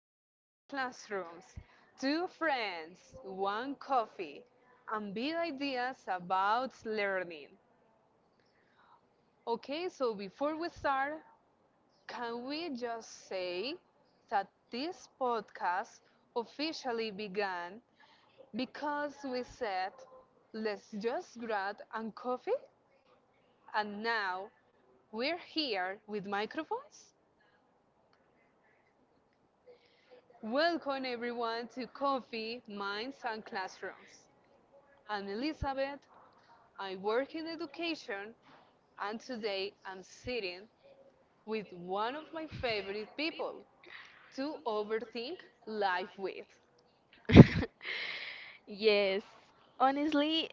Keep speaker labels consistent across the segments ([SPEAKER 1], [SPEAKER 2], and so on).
[SPEAKER 1] minds and classrooms. Two friends, one coffee, and big ideas about learning. Okay, so before we start, can we just say that this podcast officially began because we said, let's just grab and coffee? And now we're here with microphones. Welcome everyone to Coffee, Minds and Classrooms. I'm Elizabeth. I work in education, and today I'm sitting with one of my favorite people to overthink life with.
[SPEAKER 2] Mhm. Yes, honestly,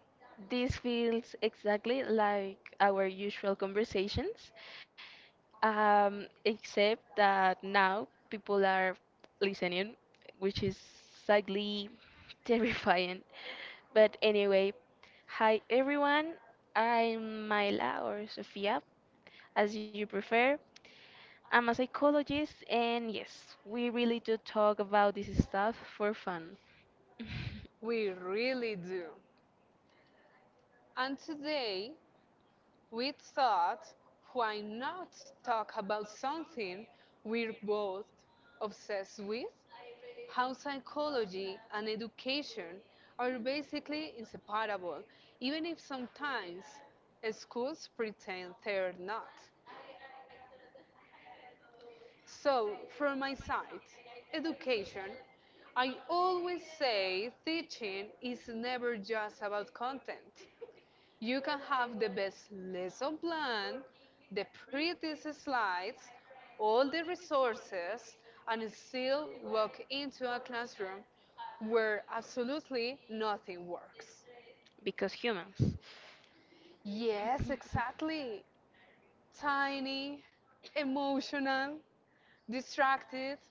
[SPEAKER 2] this feels exactly like our usual conversations, except that now people are listening, which is slightly terrifying. But anyway, hi everyone, I'm Myla or Sofia, as you prefer. I'm a psychologist, and yes, we really do talk about this stuff for fun.
[SPEAKER 1] We really do. And today we thought, why not talk about something we're both obsessed with? How psychology and education are basically inseparable, even if sometimes schools pretend they're not. So, from my side, education, I always say teaching is never just about content. You can have the best lesson plan, the prettiest slides, all the resources, and still walk into a classroom where absolutely nothing works.
[SPEAKER 2] Because humans.
[SPEAKER 1] Yes, exactly. Tiny, emotional, distracted,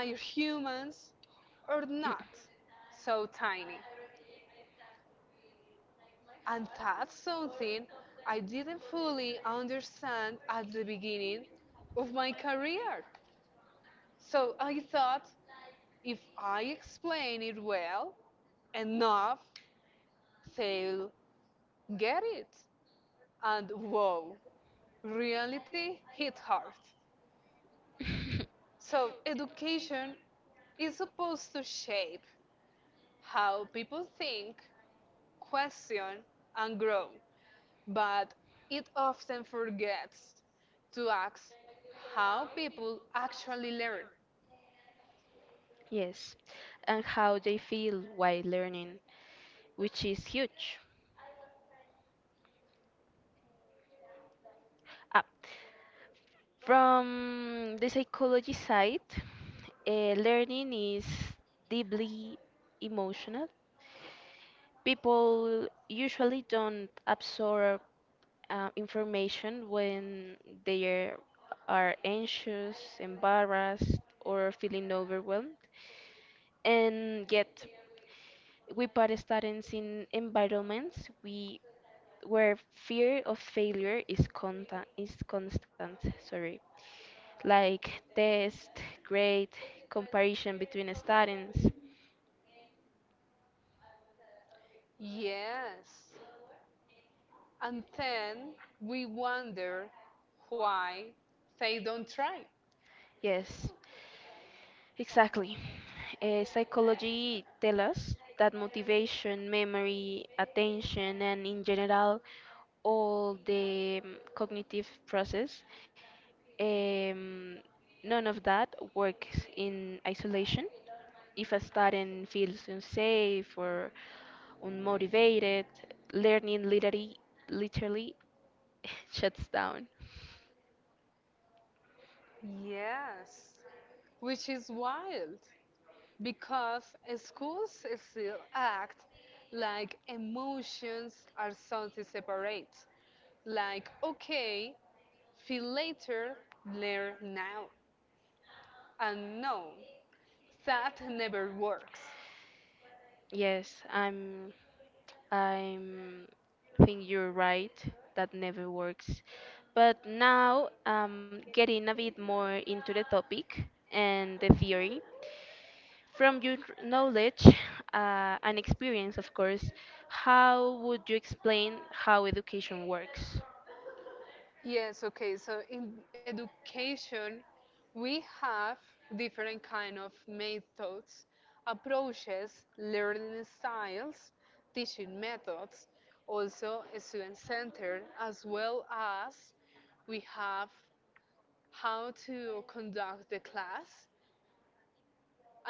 [SPEAKER 1] tired humans, or not so tiny. And that's something I didn't fully understand at the beginning of my career. So I thought if I explain it well enough, they'll get it. And whoa, reality hit hard. So education is supposed to shape how people think, question, and grow. But it often forgets to ask how people actually learn.
[SPEAKER 2] Yes, and how they feel while learning, which is huge. Ah, from the psychology side, learning is deeply emotional. People usually don't absorb information when they are anxious, embarrassed, or feeling overwhelmed. And yet, we put students in environments we where fear of failure is constant, sorry. Like test, grade, comparison between students.
[SPEAKER 1] Yes, and then we wonder why they don't try.
[SPEAKER 2] Yes. Exactly. Psychology tells us that motivation, memory, attention, and in general, all the cognitive process, um, none of that works in isolation. If a student feels unsafe or unmotivated, learning literally shuts down.
[SPEAKER 1] Yes, which is wild because schools still act like emotions are something separate. Like, okay, feel later, learn now. And no, that never works.
[SPEAKER 2] Yes, I'm think you're right. That never works. But now, getting a bit more into the topic and the theory, from your knowledge and experience, of course, how would you explain how education works?
[SPEAKER 1] Yes, okay. So in education, we have different kind of methods, approaches, learning styles, teaching methods, also student-centered, as well as we have how to conduct the class,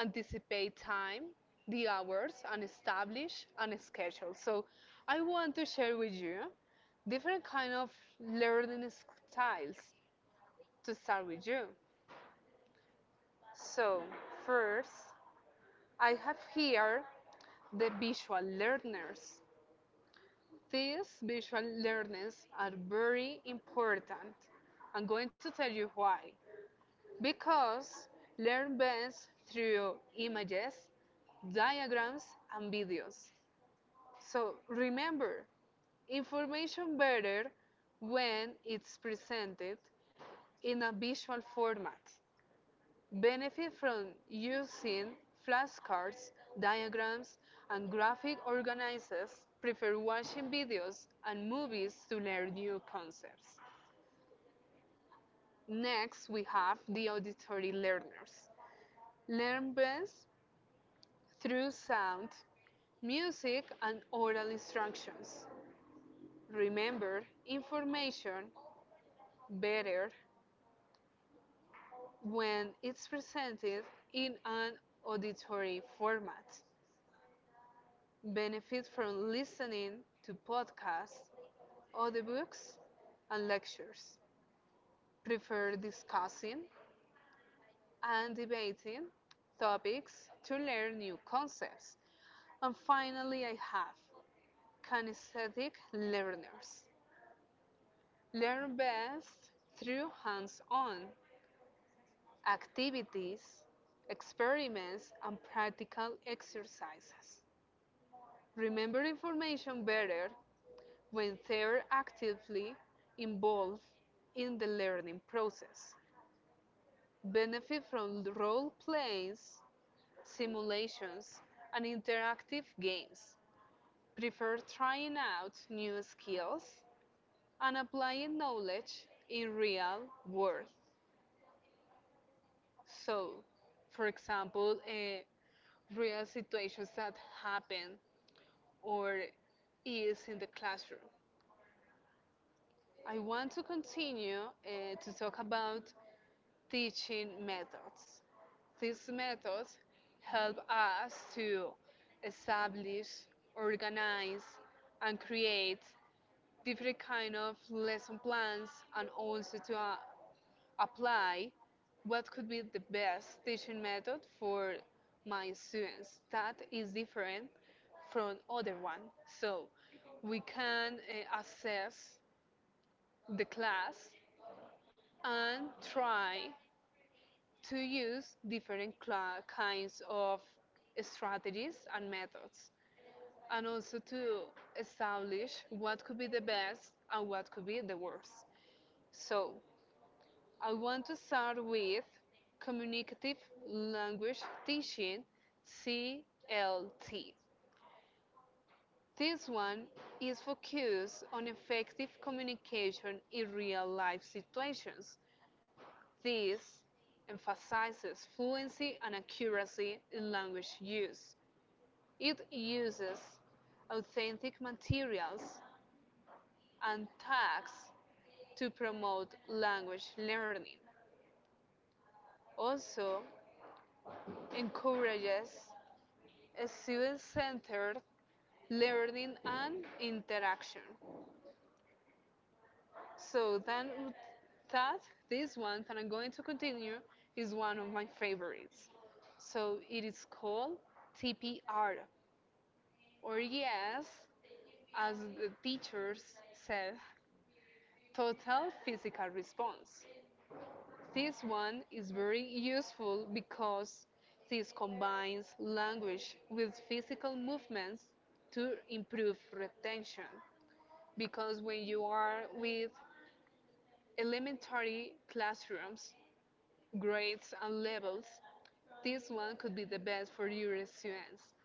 [SPEAKER 1] anticipate time, the hours, and establish an schedule. So I want to share with you different kind of learning styles to start with you. So first, I have here the visual learners. These visual learners are very important. I'm going to tell you why. Because learn best through images, diagrams, and videos. So remember, information better when it's presented in a visual format. Benefit from using flashcards, diagrams, and graphic organizers. Prefer watching videos and movies to learn new concepts. Next, we have the auditory learners. Learn best through sound, music, and oral instructions. Remember, information better when it's presented in an auditory format. Benefit from listening to podcasts, audiobooks, and lectures. Prefer discussing and debating topics to learn new concepts. And finally, I have kinesthetic learners. Learn best through hands on activities, experiments, and practical exercises. Remember information better when they're actively involved in the learning process. Benefit from role plays, simulations, and interactive games. Prefer trying out new skills and applying knowledge in real world. So, for example, real situations that happen or is in the classroom. I want to continue to talk about teaching methods. These methods help us to establish, organize, and create different kind of lesson plans and also to, apply what could be the best teaching method for my students that is different from other one, so we can assess the class and try to use different kinds of strategies and methods, and also to establish what could be the best and what could be the worst. So I want to start with communicative language teaching, CLT. This one is focused on effective communication in real life situations. This emphasizes fluency and accuracy in language use. It uses authentic materials and tags to promote language learning. Also encourages student centered learning and interaction. So, then that this one that I'm going to continue is one of my favorites. So, it is called TPR, or yes, as the teachers said, total physical response. This one is very useful because this combines language with physical movements to improve retention. Because when you are with elementary classrooms, grades, and levels, this one could be the best for your students.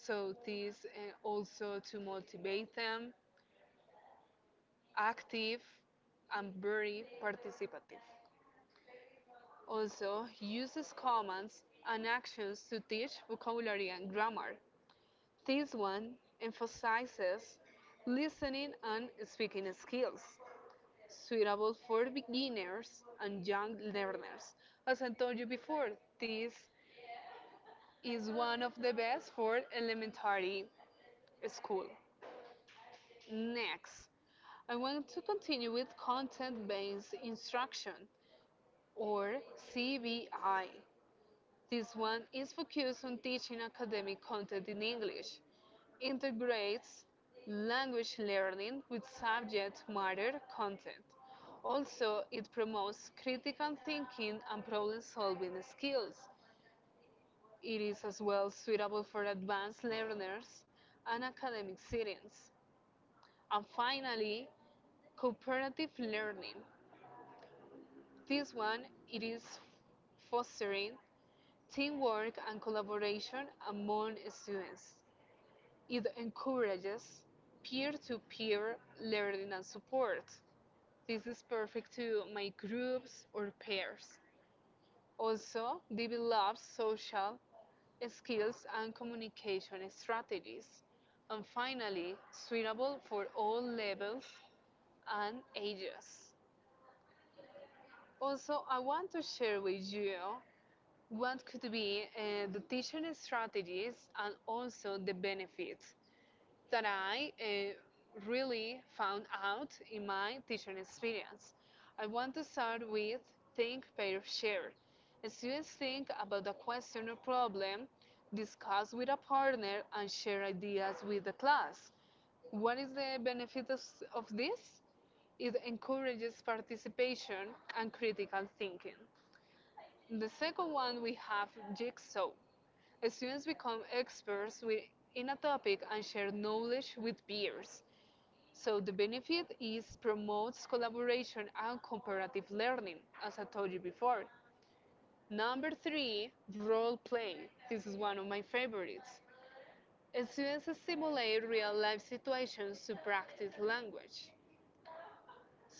[SPEAKER 1] So, this also to motivate them, active, and very participative. Also, uses commands and actions to teach vocabulary and grammar. This one emphasizes listening and speaking skills. Suitable for beginners and young learners. As I told you before, this is one of the best for elementary school. Next, I want to continue with content based instruction, or CBI. This one is focused on teaching academic content in English, integrates language learning with subject matter content. Also, it promotes critical thinking and problem solving skills. It is as well suitable for advanced learners and academic settings. And finally, cooperative learning. This one it is fostering teamwork and collaboration among students. It encourages peer-to-peer learning and support. This is perfect to make groups or pairs. Also, develops social skills and communication strategies. And finally, suitable for all levels and ages. Also, I want to share with you what could be the teaching strategies and also the benefits that I really found out in my teaching experience. I want to start with think, pair, share. Students think about a question or problem, discuss with a partner, and share ideas with the class. What is the benefit of this? It encourages participation and critical thinking. In the second one, we have Jigsaw. Students become experts in a topic and share knowledge with peers. So the benefit is promotes collaboration and comparative learning, as I told you before. Number three, role play. This is one of my favorites. Students simulate real life situations to practice language.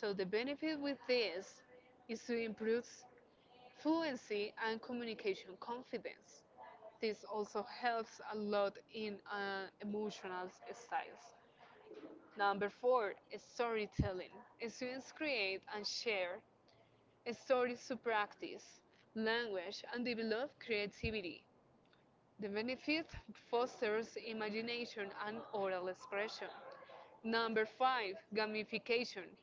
[SPEAKER 1] So the benefit with this is to improve fluency and communication confidence. This also helps a lot in emotional styles. Number four, is storytelling. Students create and share stories to practice language and develop creativity. The benefit fosters imagination and oral expression. Number five, gamification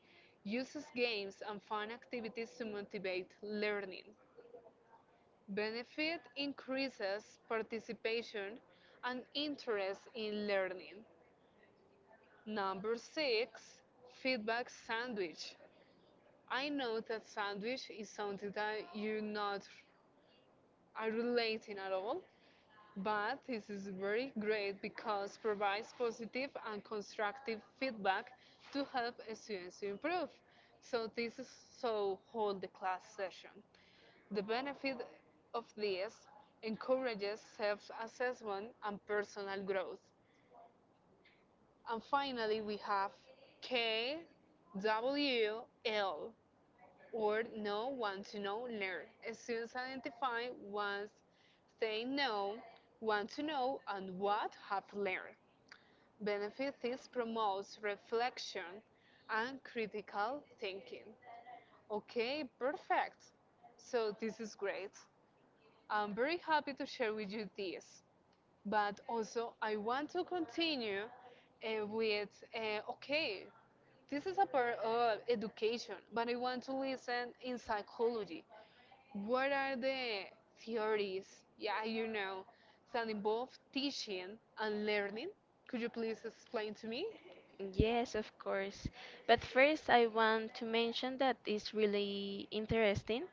[SPEAKER 1] uses games and fun activities to motivate learning. Benefit increases participation and interest in learning. Number six, feedback sandwich. I know that sandwich is something that you not are relating at all, but this is very great because provides positive and constructive feedback to help students improve. So this is so hold the class session. The benefit of this encourages self assessment and personal growth. And finally, we have KWL, or Know, Want to Know, Learn. Students identify what they know, want to know, and what have learned. Benefit this promotes reflection and critical thinking. Okay, perfect. So, this is great. I'm very happy to share with you this, but also I want to continue with okay, this is a part of education, but I want to listen in psychology. What are the theories, yeah, that involve teaching and learning? Could you please explain to me?
[SPEAKER 2] Yes, of course. But first, I want to mention that it's really interesting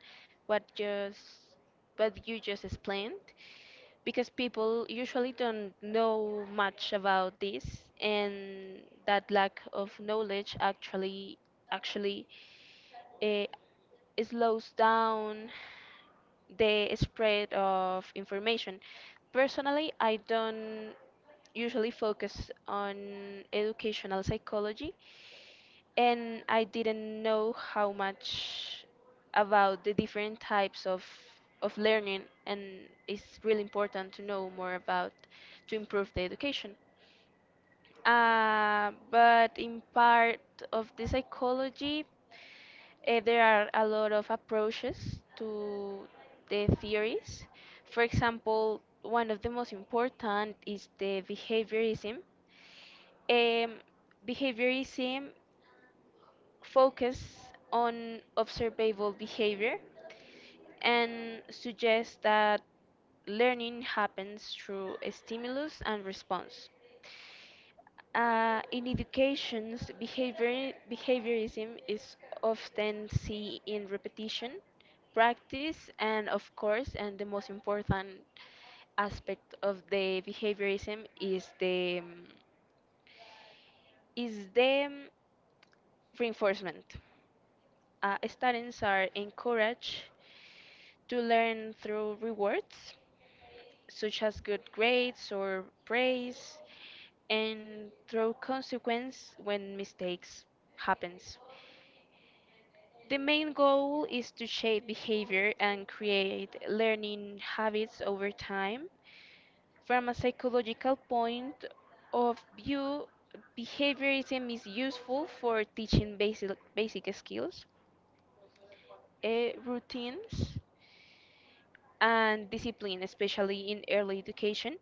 [SPEAKER 2] what just what you just explained because people usually don't know much about this, and that lack of knowledge actually eh, slows down the spread of information. Personally, I don't usually focus on educational psychology and I didn't know how much about the different types of learning, and it's really important to know more about to improve the education. But in part of the psychology, there are a lot of approaches to the theories. For example, one of the most important is the behaviorism. Um, behaviorism focus on observable behavior and suggests that learning happens through stimulus and response. In educations, behaviorism is often seen in repetition, practice, and of course, and the most important aspect of the behaviorism is the reinforcement. Students are encouraged to learn through rewards, such as good grades or praise, and through consequence when mistakes happens. The main goal is to shape behavior and create learning habits over time. From a psychological point of view, behaviorism is useful for teaching basic skills, routines, and discipline, especially in early education.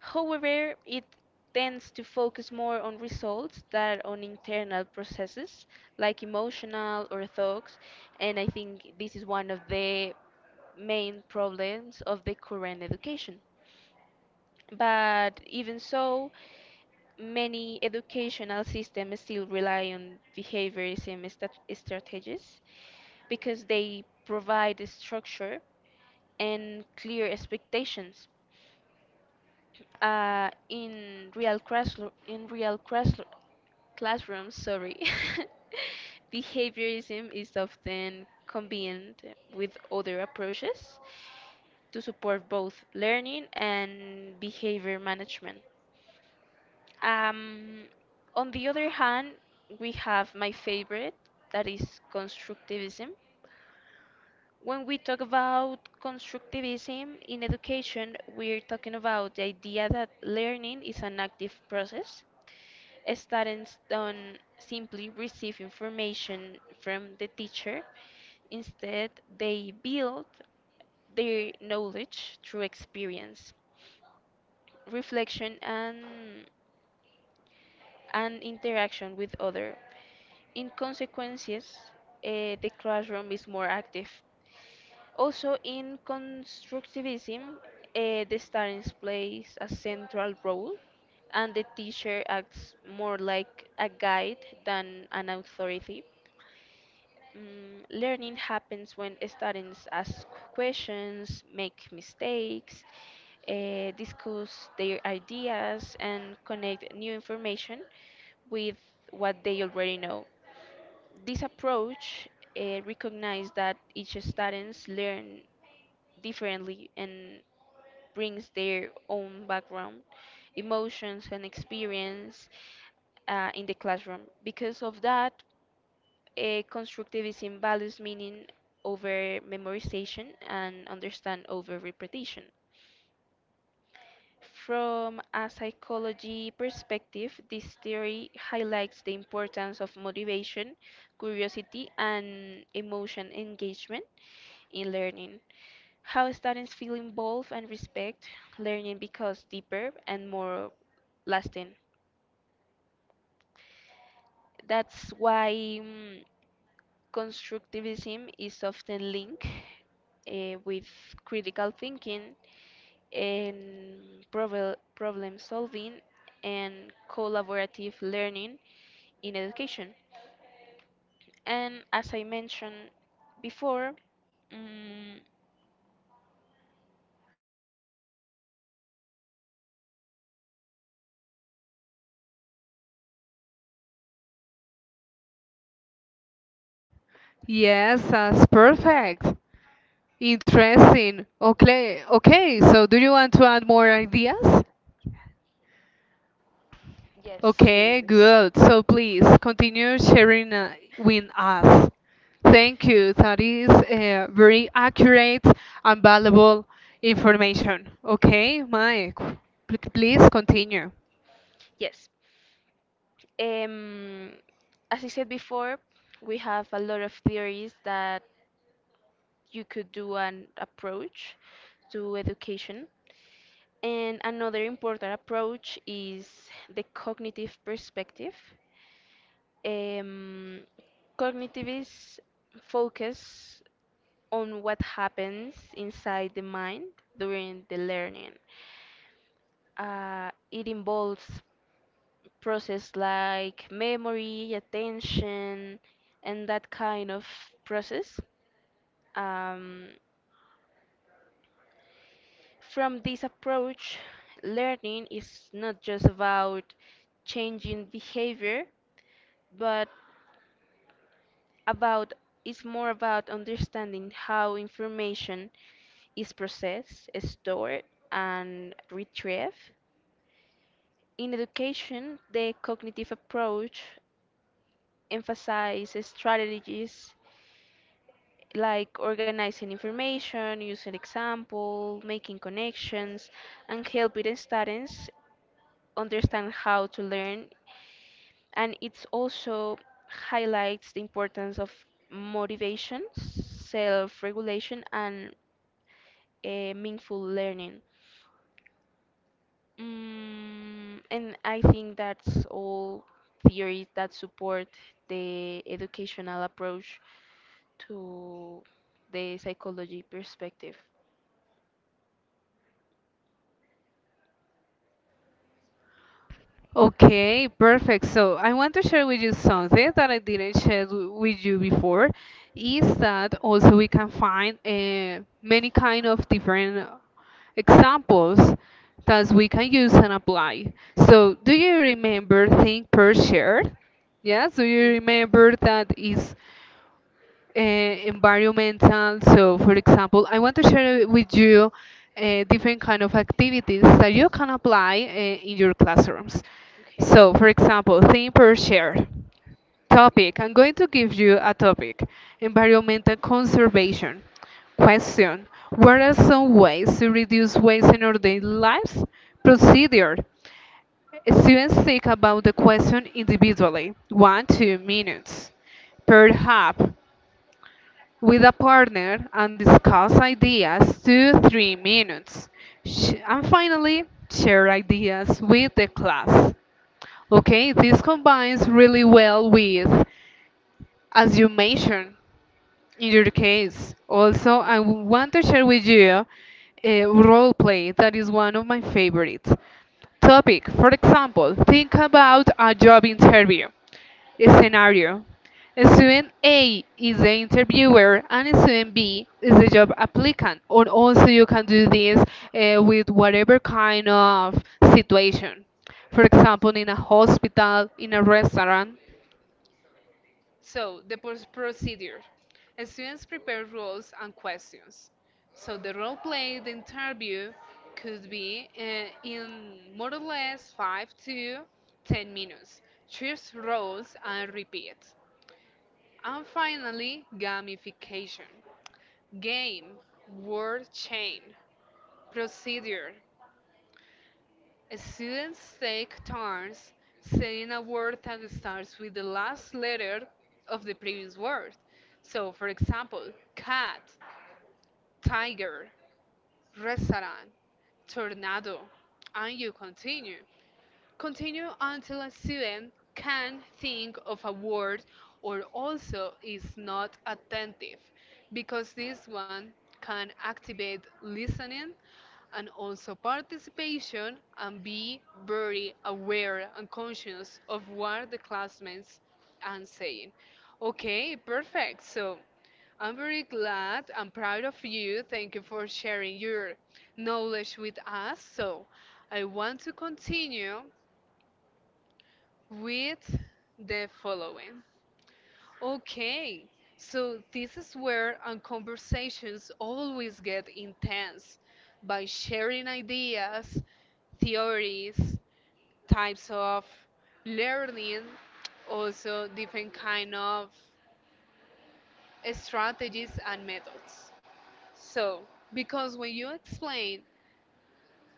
[SPEAKER 2] However, it tends to focus more on results than on internal processes like emotional or thoughts, and I think this is one of the main problems of the current education. But even so, many educational systems still rely on behaviorism strategies because they provide a structure and clear expectations in real classrooms, sorry. Behaviorism is often combined with other approaches to support both learning and behavior management. um, on the other hand, we have my favorite, that is constructivism. When we talk about constructivism in education, we're talking about the idea that learning is an active process. Students don't simply receive information from the teacher, instead, they build their knowledge through experience, reflection, and interaction with other. In consequences, the classroom is more active. Also, in constructivism, the student plays a central role, and the teacher acts more like a guide than an authority. Mm, learning happens when students ask questions, make mistakes, discuss their ideas, and connect new information with what they already know. This approach recognizes that each students learn differently and brings their own background, emotions, and experience in the classroom. Because of that, constructivism values meaning over memorization and understand over repetition. From a psychology perspective, this theory highlights the importance of motivation, curiosity, and emotion engagement in learning. How students feel involved and respect, learning becomes deeper and more lasting. That's why constructivism is often linked with critical thinking and problem solving and collaborative learning in education. And as I mentioned before, mm,
[SPEAKER 1] Yes, that's perfect. Interesting. Okay, okay. So, do you want to add more ideas?
[SPEAKER 2] yes.
[SPEAKER 1] Okay, good. So please continue sharing with us. Thank you. That is very accurate and valuable information. Okay, Mike, please continue.
[SPEAKER 2] Yes, um, as I said before, we have a lot of theories that you could do an approach to education. And another important approach is the cognitive perspective. Um, cognitivists focus on what happens inside the mind during the learning. It involves process like memory, attention, and that kind of process. Um, From this approach, learning is not just about changing behavior, but about it's more about understanding how information is processed, stored, and retrieved. In education, the cognitive approach emphasizes strategies like organizing information, using example, making connections, and helping students understand how to learn, and it also highlights the importance of motivation, self-regulation, and meaningful learning. Mm, and I think that's all theories that support the educational approach to the psychology perspective.
[SPEAKER 1] Okay, perfect. So I want to share with you something that I didn't share with you before, is that also we can find many kind of different examples that we can use and apply. So do you remember think per share? Yes, do you remember that is environmental? So, for example, I want to share with you different kind of activities that you can apply in your classrooms.
[SPEAKER 2] Okay.
[SPEAKER 1] So, for example, theme per share topic. I'm going to give you a topic: environmental conservation. Question: what are some ways to reduce waste in our daily lives? Procedure. Students think about the question individually, one, 2 minutes, per hub with a partner and discuss ideas 2 3 minutes, and finally share ideas with the class. Okay, this combines really well with, as you mentioned, in your case. Also, I want to share with you a role play that is one of my favorite. Topic, for example, think about a job interview. A scenario: student A is the interviewer and student B is the job applicant. Or also, you can do this with whatever kind of situation. For example, in a hospital, in a restaurant. So, the procedure. Students prepare roles and questions. So, the role play, the interview could be in more or less 5 to 10 minutes. Choose roles and repeat. And finally, gamification. Game, word chain, procedure. Students take turns saying a word that starts with the last letter of the previous word. So, for example, cat, tiger, restaurant, tornado, and you continue. Continue until a student can think of a word or also is not attentive, because this one can activate listening and also participation and be very aware and conscious of what the classmates are saying. Okay, perfect. So I'm very glad. I'm proud of you. Thank you for sharing your knowledge with us. So I want to continue with the following. Okay, so this is where our conversations always get intense by sharing ideas, theories, types of learning, also different kind of strategies and methods. So, because when you explain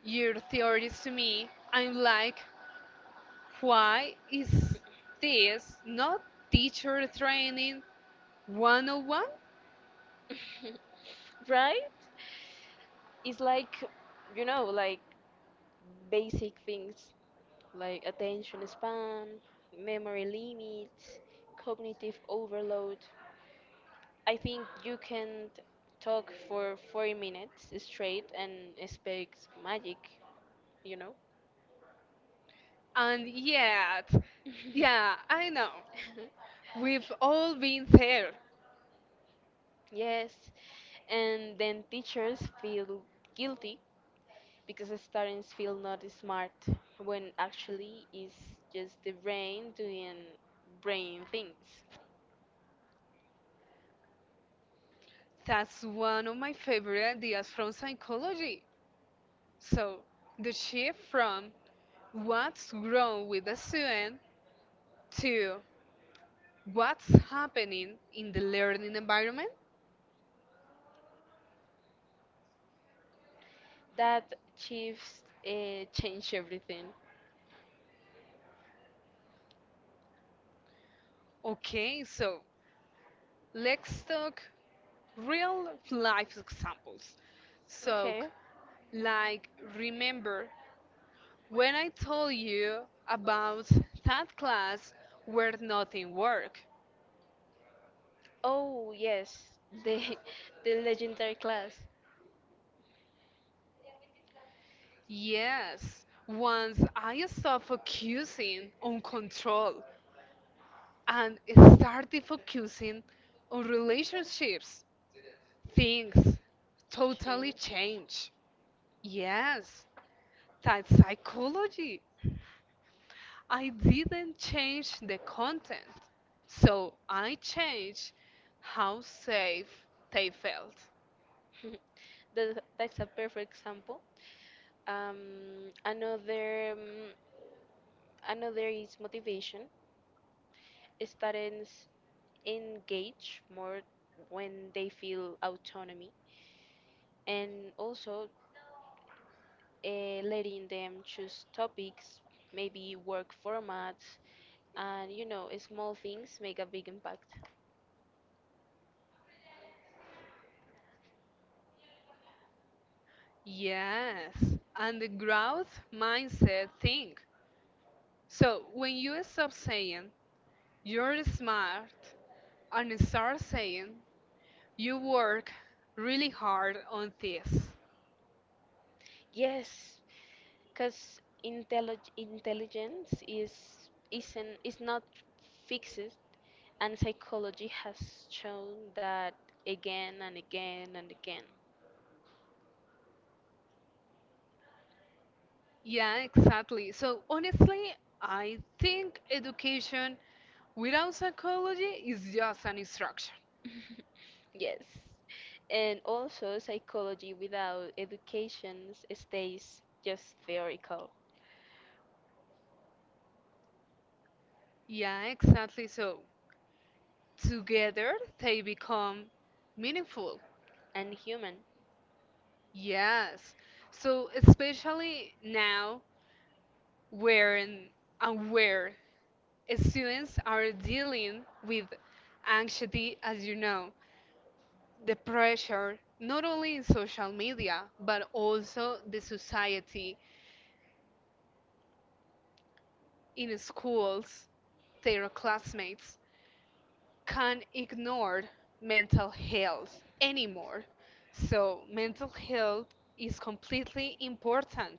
[SPEAKER 1] your theories to me, I'm like, why is this not teacher training 101?
[SPEAKER 2] Right? It's like, you know, like basic things. Like attention span, memory limits, cognitive overload. I think you can talk for 40 minutes straight and expect magic, you know?
[SPEAKER 1] And yet... Yeah, I know, we've all been there.
[SPEAKER 2] Yes, and then teachers feel guilty because the students feel not smart when actually it's just the brain doing brain things.
[SPEAKER 1] That's one of my favorite ideas from psychology. So the shift from what's wrong with the student to what's happening in the learning environment.
[SPEAKER 2] That Chiefs changed everything.
[SPEAKER 1] Okay, so let's talk real life examples. So,
[SPEAKER 2] Okay.
[SPEAKER 1] like, remember when I told you about that class where nothing worked?
[SPEAKER 2] Oh yes, the the legendary class
[SPEAKER 1] Yes, once I stopped focusing on control and started focusing on relationships, things totally
[SPEAKER 2] changed.
[SPEAKER 1] changed. Yes, that psychology. I didn't change the content, so I changed how safe they felt.
[SPEAKER 2] That's a perfect example. Um, another is motivation. Students engage more when they feel autonomy, and also letting them choose topics, maybe work formats, and you know, small things make a big impact.
[SPEAKER 1] Yes, and the growth mindset thing. So when you stop saying you're smart and start saying you work really hard on this.
[SPEAKER 2] Yes, because intelligence is not fixed, and psychology has shown that again and again and again.
[SPEAKER 1] Yeah, exactly. So honestly, I think education without psychology is just an instruction.
[SPEAKER 2] Yes. And also, psychology without education stays just theoretical
[SPEAKER 1] Yeah, exactly. So together they become meaningful.
[SPEAKER 2] and human.
[SPEAKER 1] Yes. So especially now when and where students are dealing with anxiety, as you know, the pressure not only in social media but also the society in schools, their classmates can't ignore mental health anymore. So mental health is completely important.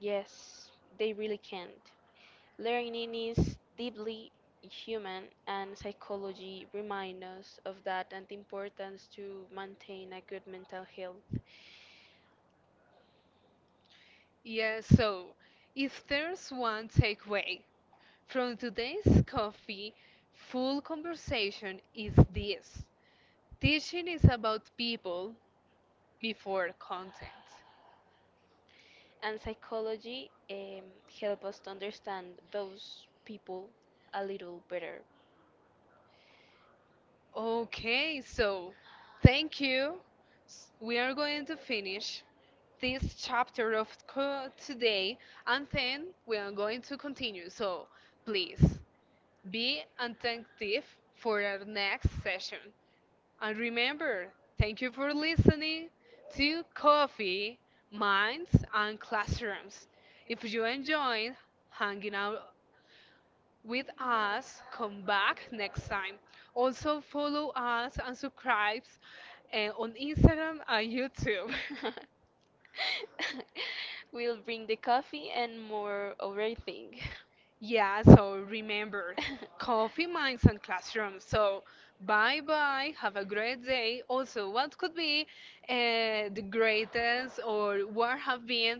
[SPEAKER 2] Yes, they really can't. Learning is deeply human, and psychology reminds us of that and the importance to maintain a good mental health.
[SPEAKER 1] Yeah, so if there's one takeaway from today's coffee full conversation is this. Teaching is about people before content.
[SPEAKER 2] And psychology help us to understand those people a little better.
[SPEAKER 1] Okay, so thank you. We are going to finish this chapter of today and then we are going to continue. So please be attentive for our next session. And remember, thank you for listening to Coffee, Minds, and Classrooms. If you enjoyed hanging out with us, come back next time. Also, follow us and subscribe on Instagram and YouTube.
[SPEAKER 2] We'll bring the coffee and more overthink.
[SPEAKER 1] Yeah, so remember, Coffee, Minds and Classrooms. So bye bye, have a great day. Also, what could be the greatest, or what have been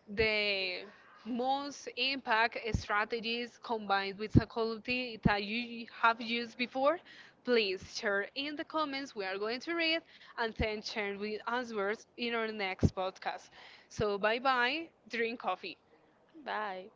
[SPEAKER 1] the most impact strategies combined with psychology that you have used before? Please share in the comments. We are going to read and then share with answers in our next podcast. So bye bye, drink coffee.
[SPEAKER 2] Bye.